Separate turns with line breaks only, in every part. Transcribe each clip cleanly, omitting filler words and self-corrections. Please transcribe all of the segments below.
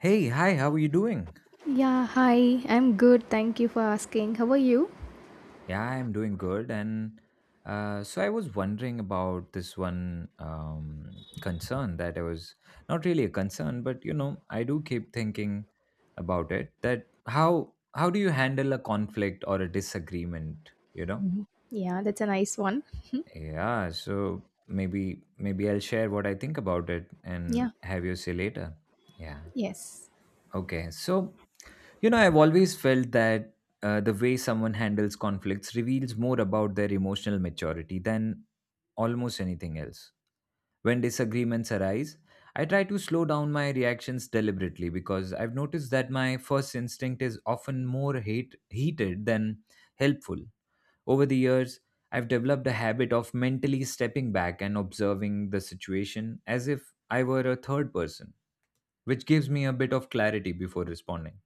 Hey, hi, how are you doing?
Yeah, hi. I'm good. Thank you for asking. How are you?
Yeah, I'm doing good. And So I was wondering about this one concern that I was not really a concern, but you know, I do keep thinking about it, that how do you handle a conflict or a disagreement, you know?
Mhm. Yeah, that's a nice one.
Yeah, so maybe I'll share what I think about it and
Yeah,
have you say later. Yeah.
yes.
Okay. So you know, I've always felt that the way someone handles conflicts reveals more about their emotional maturity than almost anything else. When disagreements arise, I try to slow down my reactions deliberately, because I've noticed that my first instinct is often more heated than helpful. Over the years, I've developed a habit of mentally stepping back and observing the situation as if I were a third person, which gives me a bit of clarity before responding.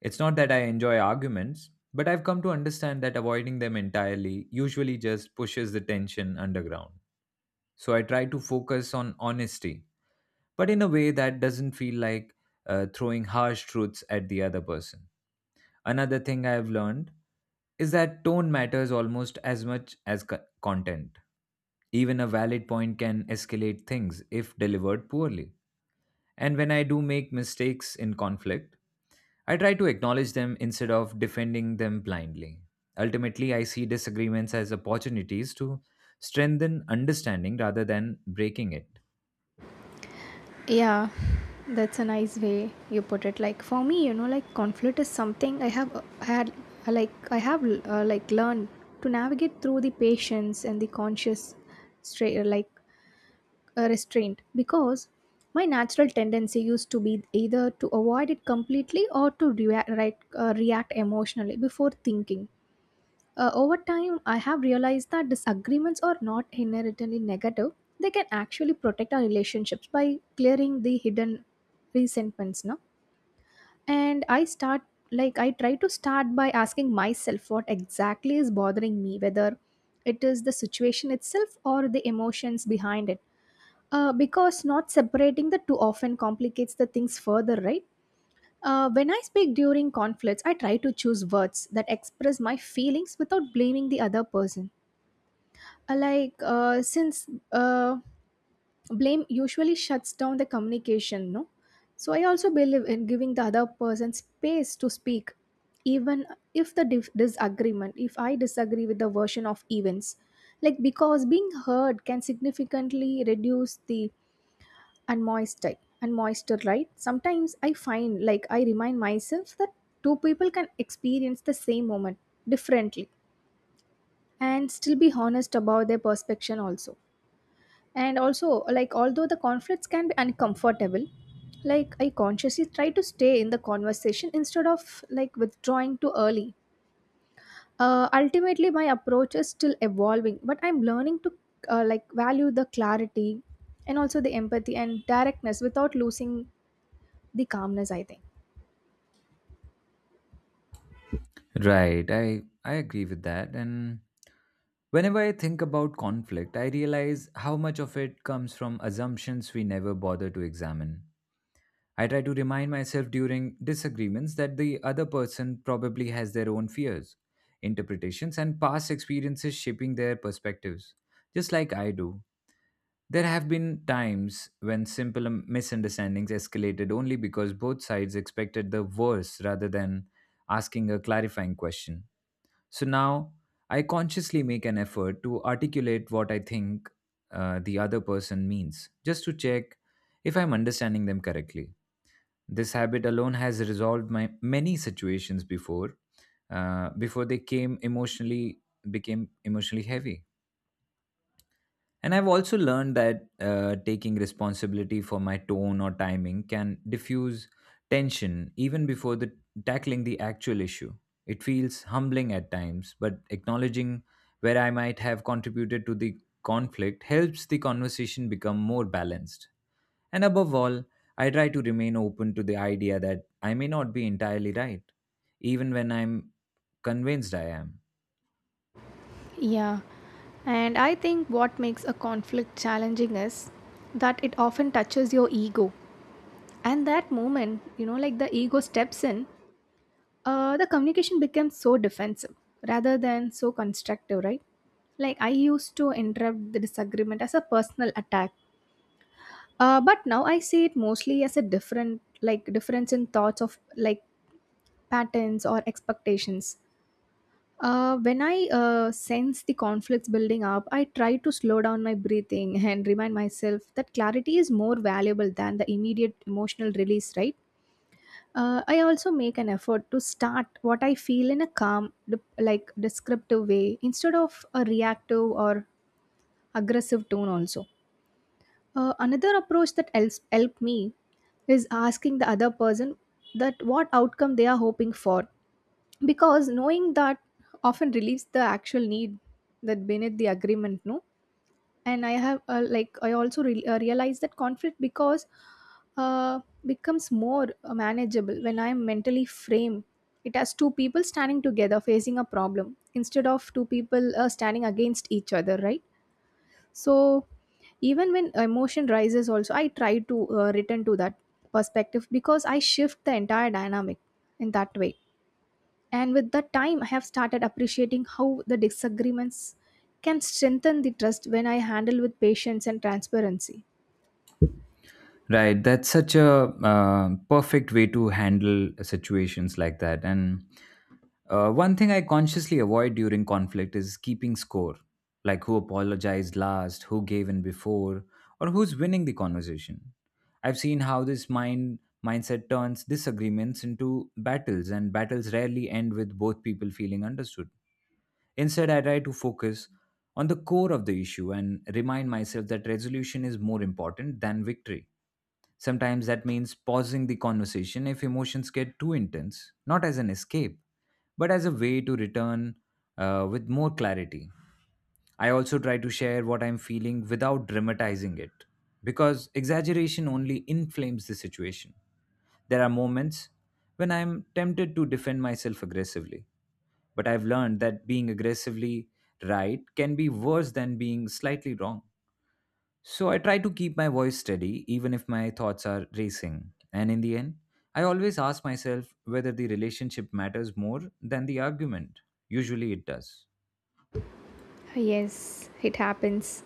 It's not that I enjoy arguments, but I've come to understand that avoiding them entirely usually just pushes the tension underground. So I try to focus on honesty, but in a way that doesn't feel like throwing harsh truths at the other person. Another thing I've learned is that tone matters almost as much as content. Even a valid point can escalate things if delivered poorly. And when I do make mistakes in conflict, I try to acknowledge them instead of defending them blindly. Ultimately, I see disagreements as opportunities to strengthen understanding rather than breaking it.
Yeah, that's a nice way you put it. Like for me, you know, like conflict is something I have had, like I have like learned to navigate through the patience and the conscious, straight like restraint, because my natural tendency used to be either to avoid it completely or to react, right, react emotionally before thinking. Over time, I have realized that disagreements are not inherently negative. They can actually protect our relationships by clearing the hidden resentments, no? And I try to start by asking myself what exactly is bothering me, whether it is the situation itself or the emotions behind it. Because not separating the two often complicates the things further, right? When I speak during conflicts, I try to choose words that express my feelings without blaming the other person, since uh, blame usually shuts down the communication, no? So I also believe in giving the other person space to speak, even if the dif- disagreement, if I disagree with the version of events, like because being heard can significantly reduce the unmoisture and moisture, right? Sometimes I find, like I remind myself that two people can experience the same moment differently and still be honest about their perception also. And also, like although the conflicts can be uncomfortable, like I consciously try to stay in the conversation instead of like withdrawing too early. Ultimately, my approach is still evolving, but I'm learning to like value the clarity and also the empathy and directness without losing the calmness, I think.
Right, I agree with that. And whenever I think about conflict, I realize how much of it comes from assumptions we never bother to examine. I try to remind myself during disagreements that the other person probably has their own fears, interpretations, and past experiences shaping their perspectives, just like I do. There have been times when simple misunderstandings escalated only because both sides expected the worst rather than asking a clarifying question. So now I consciously make an effort to articulate what I think the other person means, just to check if I'm understanding them correctly. This habit alone has resolved my many situations before, before they came emotionally became emotionally heavy. And I've also learned that taking responsibility for my tone or timing can diffuse tension even before the tackling the actual issue. It feels humbling at times, but acknowledging where I might have contributed to the conflict helps the conversation become more balanced. And above all, I try to remain open to the idea that I may not be entirely right, even when I'm convinced I am.
Yeah, and I think what makes a conflict challenging is that it often touches your ego. And that moment, you know, like the ego steps in, the communication became so defensive rather than so constructive, right? Like I used to interrupt the disagreement as a personal attack, but now I see it mostly as a different, like difference in thoughts of like patterns or expectations. When I sense the conflicts building up, I try to slow down my breathing and remind myself that clarity is more valuable than the immediate emotional release, right? I also make an effort to start what I feel in a calm, like descriptive way instead of a reactive or aggressive tone, also. Another approach that helps help me is asking the other person that what outcome they are hoping for, because knowing that often relieves the actual need that beneath the agreement, no? And I have realize that conflict, because uh, becomes more manageable when I am mentally framed it has two people standing together facing a problem instead of two people standing against each other, right? So even when emotion rises also, I try to return to that perspective because I shift the entire dynamic in that way. And with that time, I have started appreciating how the disagreements can strengthen the trust when I handle with patience and transparency.
Right, that's such a perfect way to handle situations like that. And one thing I consciously avoid during conflict is keeping score, like who apologized last, who gave in before, or who's winning the conversation. I've seen how this mindset turns disagreements into battles, and battles rarely end with both people feeling understood. Instead, I try to focus on the core of the issue and remind myself that resolution is more important than victory. Sometimes that means pausing the conversation if emotions get too intense, not as an escape, but as a way to return with more clarity. I also try to share what I'm feeling without dramatizing it, because exaggeration only inflames the situation. There are moments when I'm tempted to defend myself aggressively, but I've learned that being aggressively right can be worse than being slightly wrong. So I try to keep my voice steady even if my thoughts are racing. And in the end, I always ask myself whether the relationship matters more than the argument. Usually it does.
Yes, it happens.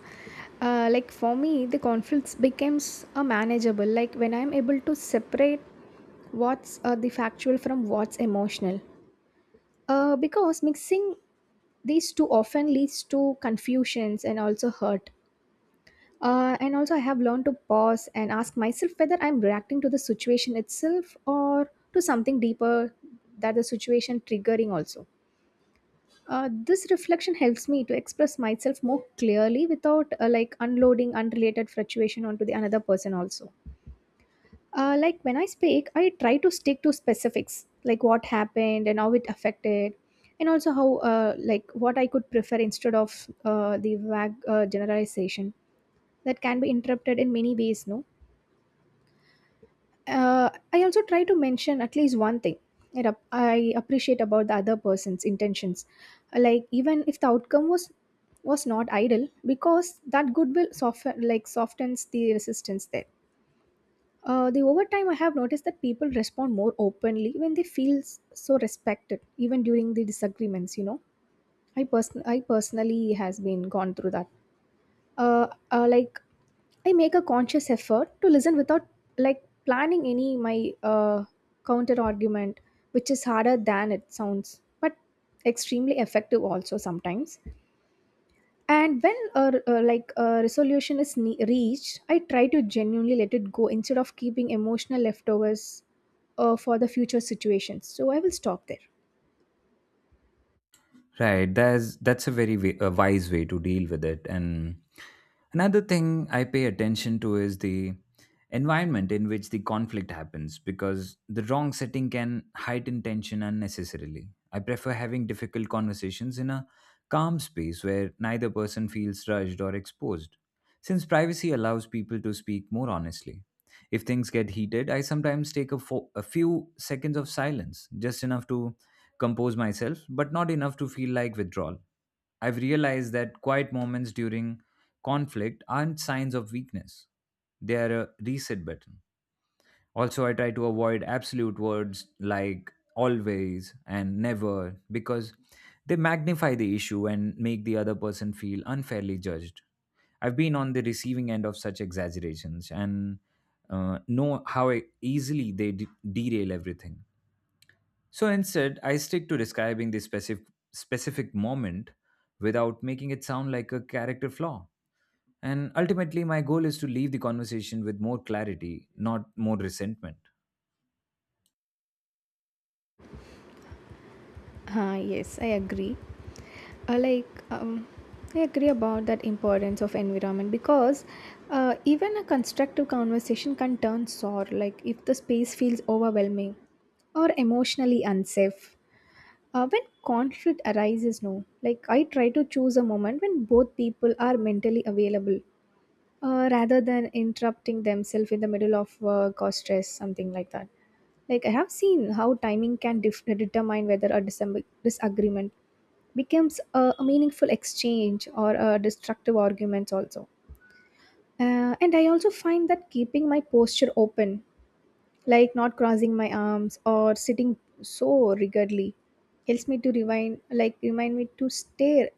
Like for me, the conflicts becomes a manageable. Like when I'm able to separate what's the factual from what's emotional. Because mixing these two often leads to confusions and also hurt. And also, I have learned to pause and ask myself whether I'm reacting to the situation itself or to something deeper that the situation triggering also. This reflection helps me to express myself more clearly without like unloading unrelated fluctuation onto the another person also. Like when I speak, I try to stick to specifics like what happened and how it affected, and also how like what I could prefer instead of the vague generalization that can be interrupted in many ways. No, I also try to mention at least one thing that I appreciate about the other person's intentions. Like even if the outcome was not ideal, because that goodwill softens the resistance there. The over time I have noticed that people respond more openly when they feel so respected, even during the disagreements. You know, I personally has been gone through that. Like I make a conscious effort to listen without like planning any my counter argument, which is harder than it sounds, but extremely effective also sometimes. And when a resolution is reached, I try to genuinely let it go instead of keeping emotional leftovers for the future situations. So I will stop there.
Right. That's a very a wise way to deal with it. And another thing I pay attention to is the environment in which the conflict happens, because the wrong setting can heighten tension unnecessarily. I prefer having difficult conversations in a calm space where neither person feels rushed or exposed, since privacy allows people to speak more honestly. If things get heated, I sometimes take a few seconds of silence, just enough to compose myself, but not enough to feel like withdrawal. I've realized that quiet moments during conflict aren't signs of weakness, they are a reset button. Also, I try to avoid absolute words like always and never, because they magnify the issue and make the other person feel unfairly judged. I've been on the receiving end of such exaggerations and know how easily they derail everything. So instead, I stick to describing the specific moment without making it sound like a character flaw. And ultimately, my goal is to leave the conversation with more clarity, not more resentment.
Ah, yes, I agree. uh, like um, I agree about that importance of environment, because even a constructive conversation can turn sour, like if the space feels overwhelming or emotionally unsafe. When conflict arises, no, like I try to choose a moment when both people are mentally available, rather than interrupting themselves in the middle of work or stress, something like that. Like I have seen how timing can determine whether a disagreement becomes a meaningful exchange or a destructive arguments also. And I also find that keeping my posture open, like not crossing my arms or sitting so rigidly, helps me to remind me to stay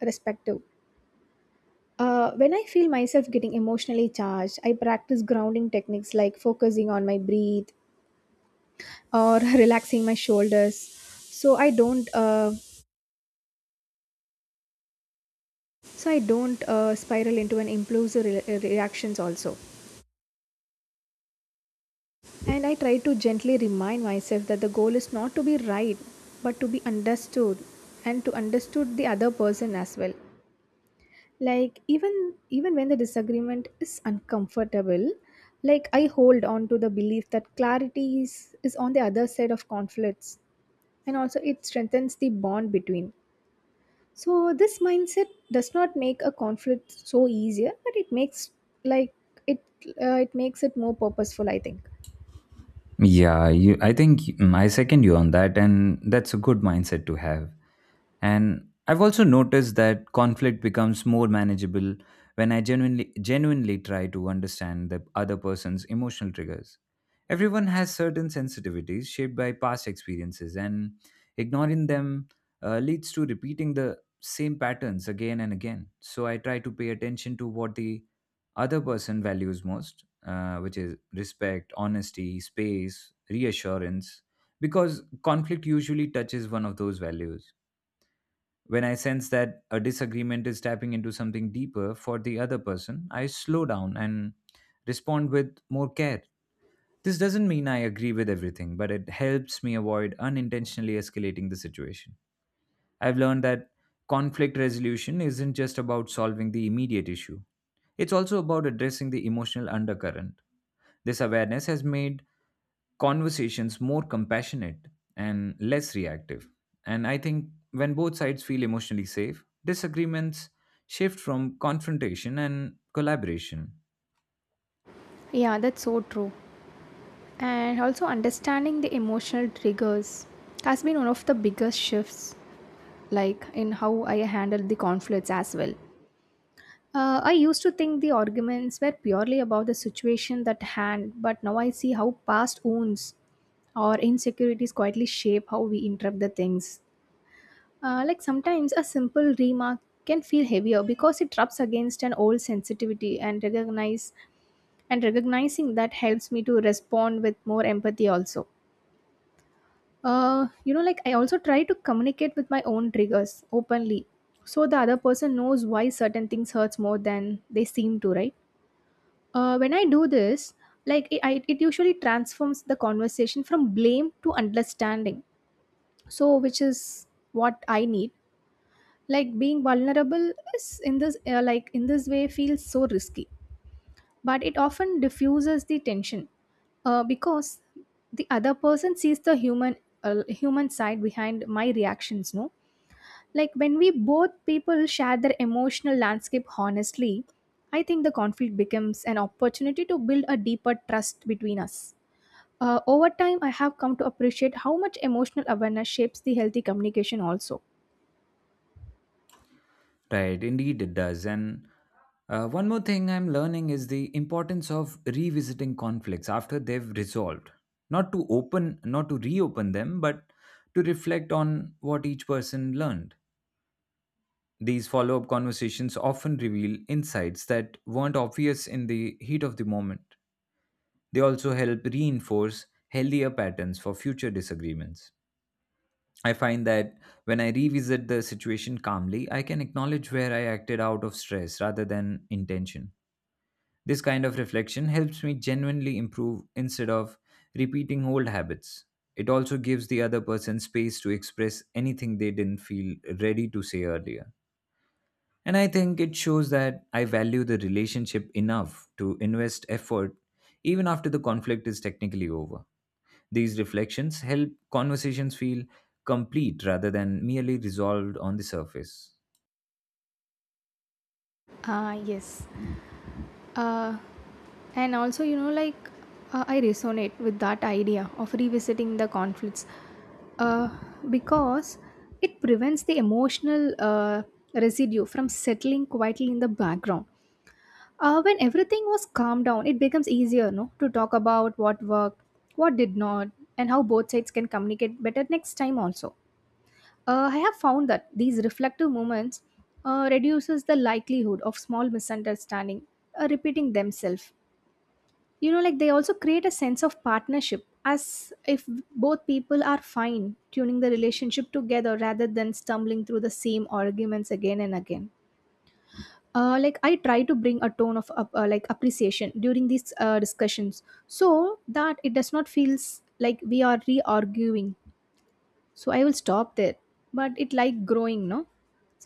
respective. When I feel myself getting emotionally charged, I practice grounding techniques like focusing on my breathe or relaxing my shoulders, so I don't spiral into an impulsive reactions also. And I try to gently remind myself that the goal is not to be right, but to be understood and to understood the other person as well. Like even when the disagreement is uncomfortable, like I hold on to the belief that clarity is on the other side of conflicts, and also it strengthens the bond between. So this mindset does not make a conflict so easier, but it makes like it it makes it more purposeful, I think.
Yeah, you, I think, mm, I second you on that, and that's a good mindset to have. And I've also noticed that conflict becomes more manageable when I genuinely try to understand the other person's emotional triggers. Everyone has certain sensitivities shaped by past experiences, and ignoring them leads to repeating the same patterns again and again. So I try to pay attention to what the other person values most, which is respect, honesty, space, reassurance, because conflict usually touches one of those values. When I sense that a disagreement is tapping into something deeper for the other person, I slow down and respond with more care. This doesn't mean I agree with everything, but it helps me avoid unintentionally escalating the situation. I've learned that conflict resolution isn't just about solving the immediate issue, it's also about addressing the emotional undercurrent. This awareness has made conversations more compassionate and less reactive. And I think when both sides feel emotionally safe, disagreements shift from confrontation and collaboration.
Yeah, that's so true. And also understanding the emotional triggers has been one of the biggest shifts, like in how I handled the conflicts as well. I used to think the arguments were purely about the situation at hand, but now I see how past wounds or insecurities quietly shape how we interpret the things. Like sometimes a simple remark can feel heavier because it rubs against an old sensitivity, and recognize and recognizing that helps me to respond with more empathy also. You know, like I also try to communicate with my own triggers openly, so the other person knows why certain things hurts more than they seem to, right? When I do this, like it usually transforms the conversation from blame to understanding. So, which is what I need. Like being vulnerable is in this, like in this way, feels so risky, but it often diffuses the tension, because the other person sees the human human side behind my reactions, no? Like when we both people share their emotional landscape honestly, I think the conflict becomes an opportunity to build a deeper trust between us. Over time, I have come to appreciate how much emotional awareness shapes the healthy communication also.
Right, indeed it does. And one more thing I'm learning is the importance of revisiting conflicts after they've resolved. Not to open, not to reopen them, but to reflect on what each person learned. These follow up conversations often reveal insights that weren't obvious in the heat of the moment. They also help reinforce healthier patterns for future disagreements. I find that when I revisit the situation calmly, I can acknowledge where I acted out of stress rather than intention. This kind of reflection helps me genuinely improve instead of repeating old habits. It also gives the other person space to express anything they didn't feel ready to say earlier. And I think it shows that I value the relationship enough to invest effort even after the conflict is technically over. These reflections help conversations feel complete rather than merely resolved on the surface.
Ah, yes. uh, and also, you know, like I resonate with that idea of revisiting the conflicts, uh, because it prevents the emotional residue from settling quietly in the background. When everything was calmed down, it becomes easier, no, to talk about what worked, what did not, and how both sides can communicate better next time also. I have found that these reflective moments reduces the likelihood of small misunderstanding repeating themselves. You know, like they also create a sense of partnership, as if both people are fine tuning the relationship together rather than stumbling through the same arguments again and again. Like I try to bring a tone of like appreciation during these discussions, so that it does not feels like we are re-arguing. So I will stop there. But it like growing, no?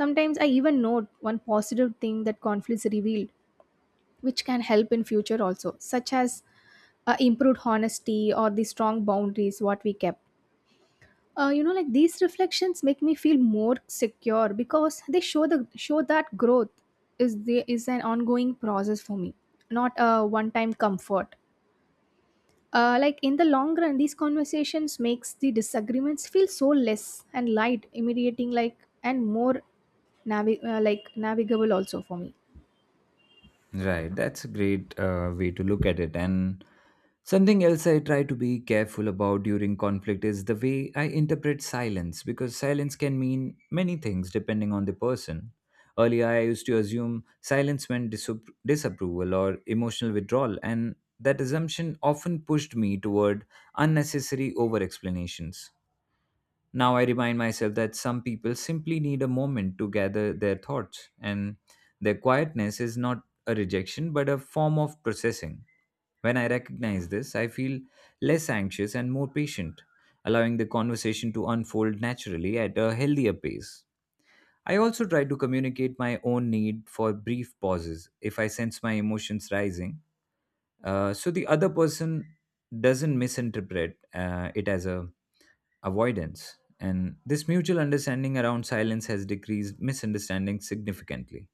Sometimes I even note one positive thing that conflicts revealed, which can help in future also, such as improved honesty or the strong boundaries what we kept. You know, like these reflections make me feel more secure because they show that growth is an ongoing process for me, not a one time comfort. Like in the long run, these conversations makes the disagreements feel so less and light immediating, like, and more like navigable also for me.
Right, that's a great way to look at it. And something else I try to be careful about during conflict is the way I interpret silence, because silence can mean many things depending on the person. Earlier, I used to assume silence meant disapproval or emotional withdrawal, and that assumption often pushed me toward unnecessary over explanations. Now I remind myself that some people simply need a moment to gather their thoughts, and their quietness is not a rejection but a form of processing. When I recognize this, I feel less anxious and more patient, allowing the conversation to unfold naturally at a healthier pace. I also try to communicate my own need for brief pauses if I sense my emotions rising, so the other person doesn't misinterpret it as a avoidance. And this mutual understanding around silence has decreased misunderstanding significantly.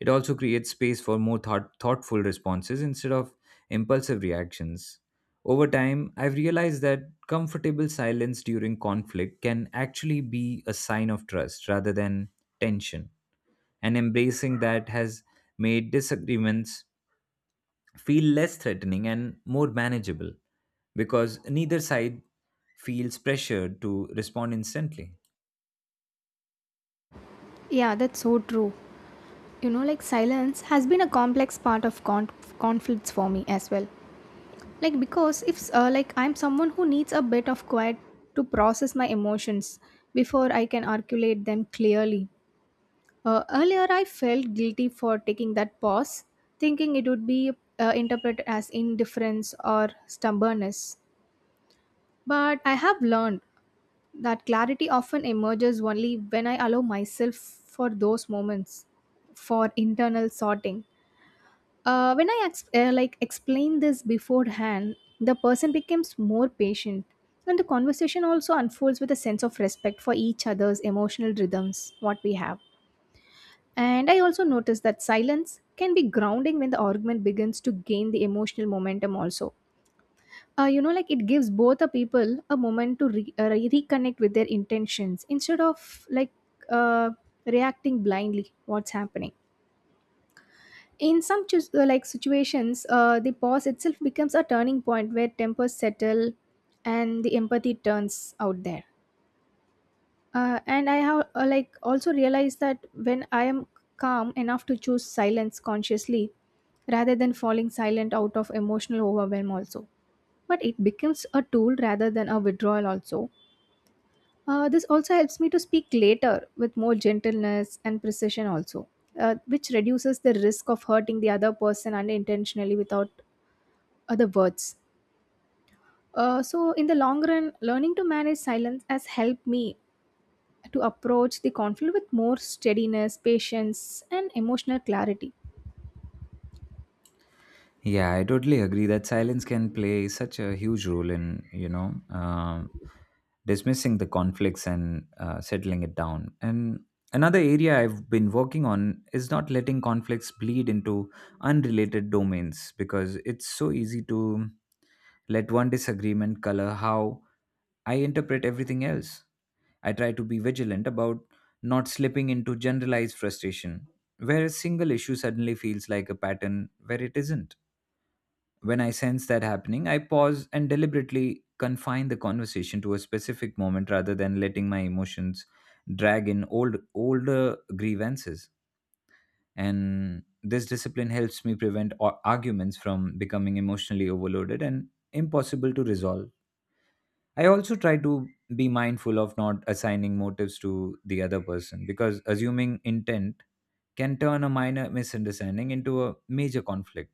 It also creates space for more thoughtful responses instead of impulsive reactions. Over time, I've realized that comfortable silence during conflict can actually be a sign of trust rather than tension, and embracing that has made disagreements feel less threatening and more manageable, because neither side feels pressured to respond instantly.
Yeah, that's so true. You know, like silence has been a complex part of conflicts for me as well. Like because if like I'm someone who needs a bit of Quiet to process my emotions before I can articulate them clearly. Earlier I felt guilty for taking that pause, thinking it would be interpreted as indifference or stubbornness. But I have learned that clarity often emerges only when I allow myself for those moments for internal sorting. When I explained this beforehand, the person becomes more patient, and the conversation also unfolds with a sense of respect for each other's emotional rhythms. What we have, and I also noticed that silence can be grounding when the argument begins to gain the emotional momentum. Also, like it gives both the people a moment to reconnect with their intentions instead of like uh, reacting blindly. What's happening? In some like situations the pause itself becomes a turning point where tempers settle and the empathy turns out there. And I have also realized that when I am calm enough to choose silence consciously rather than falling silent out of emotional overwhelm also, but it becomes a tool rather than a withdrawal also. This also helps me to speak later with more gentleness and precision also, which reduces the risk of hurting the other person unintentionally without other words. So in the long run, learning to manage silence has helped me to approach the conflict with more steadiness, patience, and emotional clarity.
Yeah, I totally agree that silence can play such a huge role in, you know, um, dismissing the conflicts and settling it down. And another area I've been working on is not letting conflicts bleed into unrelated domains, because it's so easy to let one disagreement color how I interpret everything else. I try to be vigilant about not slipping into generalized frustration, where a single issue suddenly feels like a pattern where it isn't. When I sense that happening, I pause and deliberately confine the conversation to a specific moment rather than letting my emotions drag in older grievances. And this discipline helps me prevent arguments from becoming emotionally overloaded and impossible to resolve. I also try to be mindful of not assigning motives to the other person, because assuming intent can turn a minor misunderstanding into a major conflict.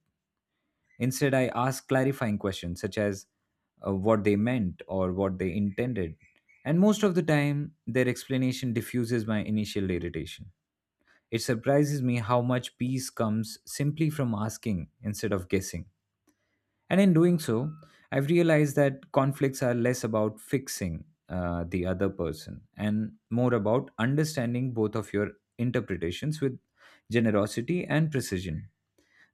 Instead, I asked clarifying questions such as what they meant or what they intended. And most of the time, their explanation diffuses my initial irritation. It surprises me how much peace comes simply from asking instead of guessing. And in doing so, I've realized that conflicts are less about fixing the other person and more about understanding both of your interpretations with generosity and precision.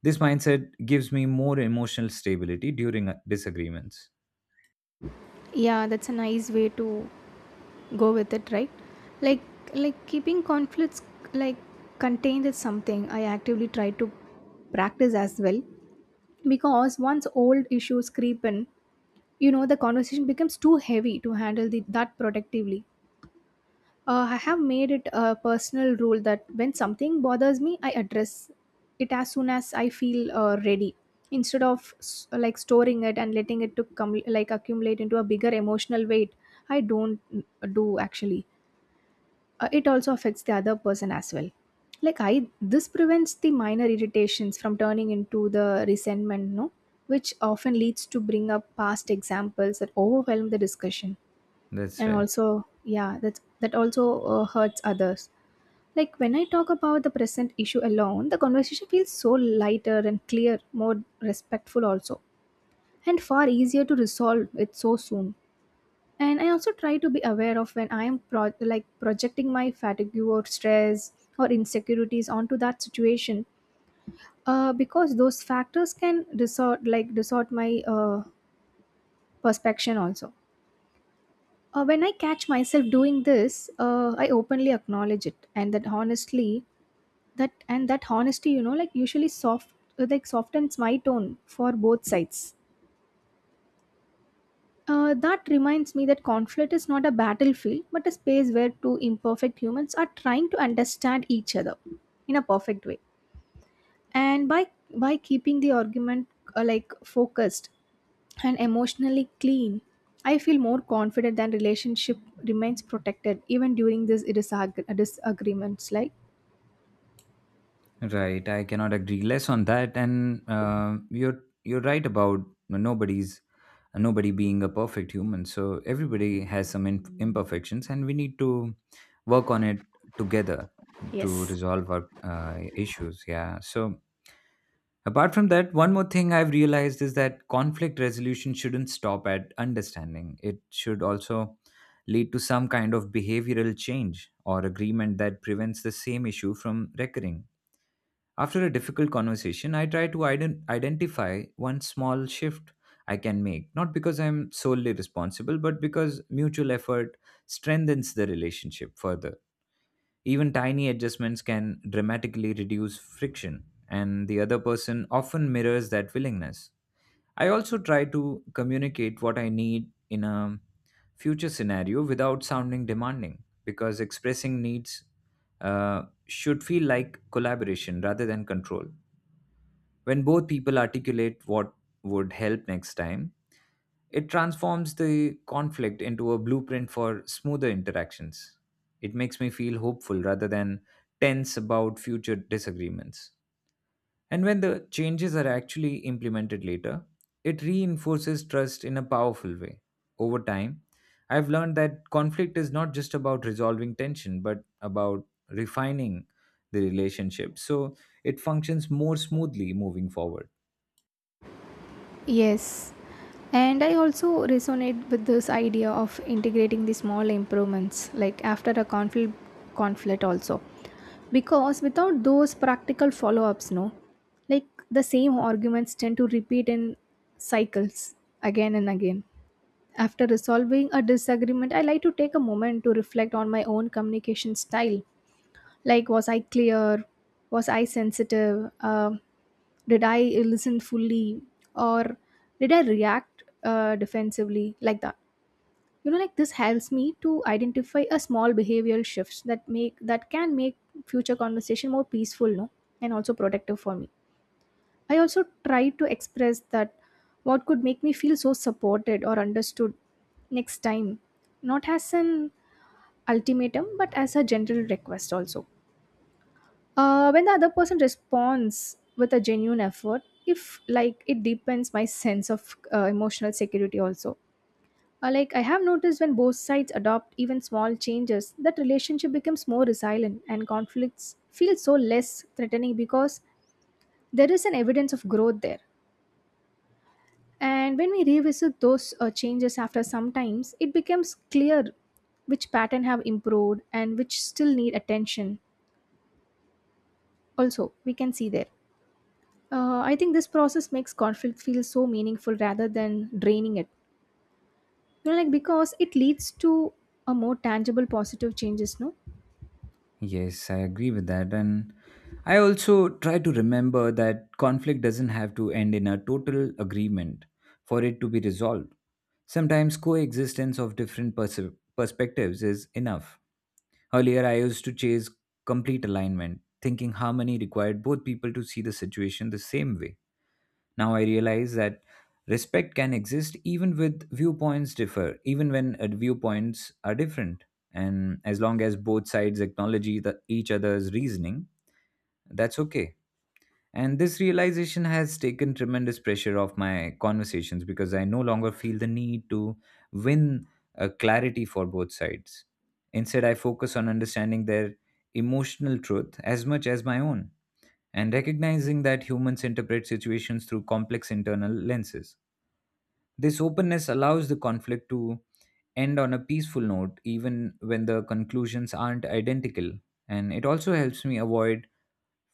This mindset gives me more emotional stability during disagreements.
Yeah, that's a nice way to go with it, right? Like, like, keeping conflicts like contained is something I actively try to practice as well. Because once old issues creep in, you know the conversation becomes too heavy to handle the, that productively. I have made it a personal rule that when something bothers me, I address it as soon as I feel ready, instead of like storing it and letting it to come like accumulate into a bigger emotional weight. I don't do actually. It also affects the other person as well. Like I, this prevents the minor irritations from turning into the resentment, no, which often leads to bring up past examples that overwhelm the discussion.
That's
And
right.
also, yeah, that's that also hurts others. Like when I talk about the present issue alone, the conversation feels so lighter and clear, more respectful also, and far easier to resolve it so soon. And I also try to be aware of when I am projecting my fatigue or stress or insecurities onto that situation, because those factors can distort my perspective also. When I catch myself doing this, I openly acknowledge it, and that honestly, that honesty, you know, like usually soft, softens my tone for both sides. That reminds me that conflict is not a battlefield, but a space where two imperfect humans are trying to understand each other in a perfect way. And by keeping the argument focused and emotionally clean. I feel more confident that relationship remains protected even during these disagreements. Like
Right, I cannot agree less on that, and you're right about nobody's nobody being a perfect human. So everybody has some imperfections, and we need to work on it together to
yes.
resolve our issues. Yeah. So apart from that, one more thing I've realized is that conflict resolution shouldn't stop at understanding. It should also lead to some kind of behavioral change or agreement that prevents the same issue from recurring after a difficult conversation, I try to identify one small shift I can make, not because I'm solely responsible, but because mutual effort strengthens the relationship further. Even tiny adjustments can dramatically reduce friction, and the other person often mirrors that willingness. I also try to communicate what I need in a future scenario without sounding demanding, because expressing needs should feel like collaboration rather than control. When both people articulate what would help next time, it transforms the conflict into a blueprint for smoother interactions. It makes me feel hopeful rather than tense about future disagreements. And when the changes are actually implemented later, it reinforces trust in a powerful way. Over time, I've learned that conflict is not just about resolving tension, but about refining the relationship so it functions more smoothly moving forward.
Yes, and I also resonate with this idea of integrating the small improvements, like after a conflict also, because without those practical follow-ups, no, like the same arguments tend to repeat in cycles again and again. After resolving a disagreement, I like to take a moment to reflect on my own communication style. Like, was I clear? Was I sensitive? Did I listen fully? Or did I react defensively? Like that. You know, like this helps me to identify a small behavioral shifts that make that can make future conversation more peaceful, no, and also productive for me. I also try to express that what could make me feel so supported or understood next time, not as an ultimatum, but as a general request also. When the other person responds with a genuine effort, if like it deepens my sense of emotional security also. Like I have noticed when both sides adopt even small changes, that relationship becomes more resilient and conflicts feel so less threatening because there is an evidence of growth there. And when we revisit those changes after some times, it becomes clear which pattern have improved and which still need attention. Also, we can see there. I think this process makes conflict feel so meaningful rather than draining it. You know, like because it leads to a more tangible positive changes, no?
Yes, I agree with that. And I also try to remember that conflict doesn't have to end in a total agreement for it to be resolved. Sometimes coexistence of different perspectives is enough. Earlier, I used to chase complete alignment, thinking harmony required both people to see the situation the same way. Now I realize that respect can exist even with viewpoints differ, even when viewpoints are different. And as long as both sides acknowledge the, each other's reasoning, that's okay. And this realization has taken tremendous pressure off my conversations because I no longer feel the need to win a clarity for both sides. Instead, I focus on understanding their emotional truth as much as my own and recognizing that humans interpret situations through complex internal lenses. This openness allows the conflict to end on a peaceful note, even when the conclusions aren't identical. And it also helps me avoid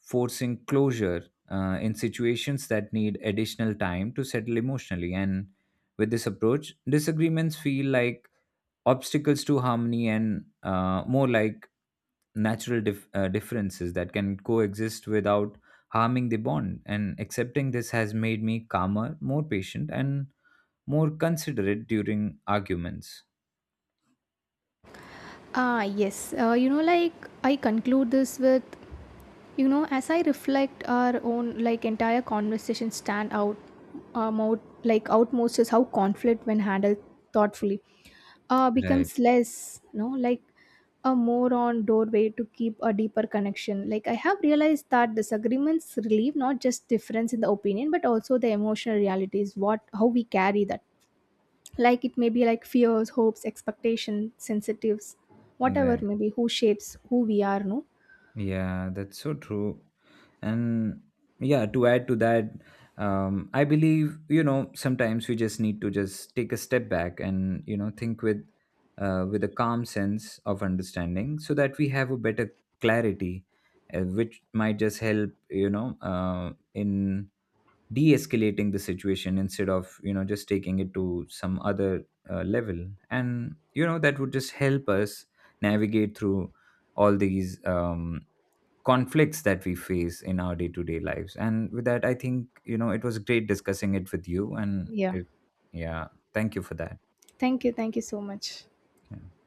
forcing closure in situations that need additional time to settle emotionally. And with this approach, disagreements feel like obstacles to harmony and more like natural differences that can coexist without harming the bond. And accepting this has made me calmer, more patient, and more considerate during arguments.
Ah, yes. You know, like I conclude this with, you know, as I reflect, our own like entire conversation stand out, out like outmost is how conflict, when handled thoughtfully, becomes
Right,
less, you know, like a more on doorway to keep a deeper connection. Like I have realized that disagreements relieve not just difference in the opinion, but also the emotional realities. What how we carry that. Like it may be like fears, hopes, expectations, sensitives, whatever
right.
maybe who shapes who we are. No,
Yeah, that's so true. And yeah, to add to that, I believe, sometimes we just need to just take a step back and, think with a calm sense of understanding so that we have a better clarity, which might just help, in de-escalating the situation instead of, just taking it to some other level. And, that would just help us navigate through all these conflicts that we face in our day-to-day lives. And with that, I think, it was great discussing it with you. And
yeah.
it, yeah, thank you for that.
Thank you. Thank you so much.
Yeah.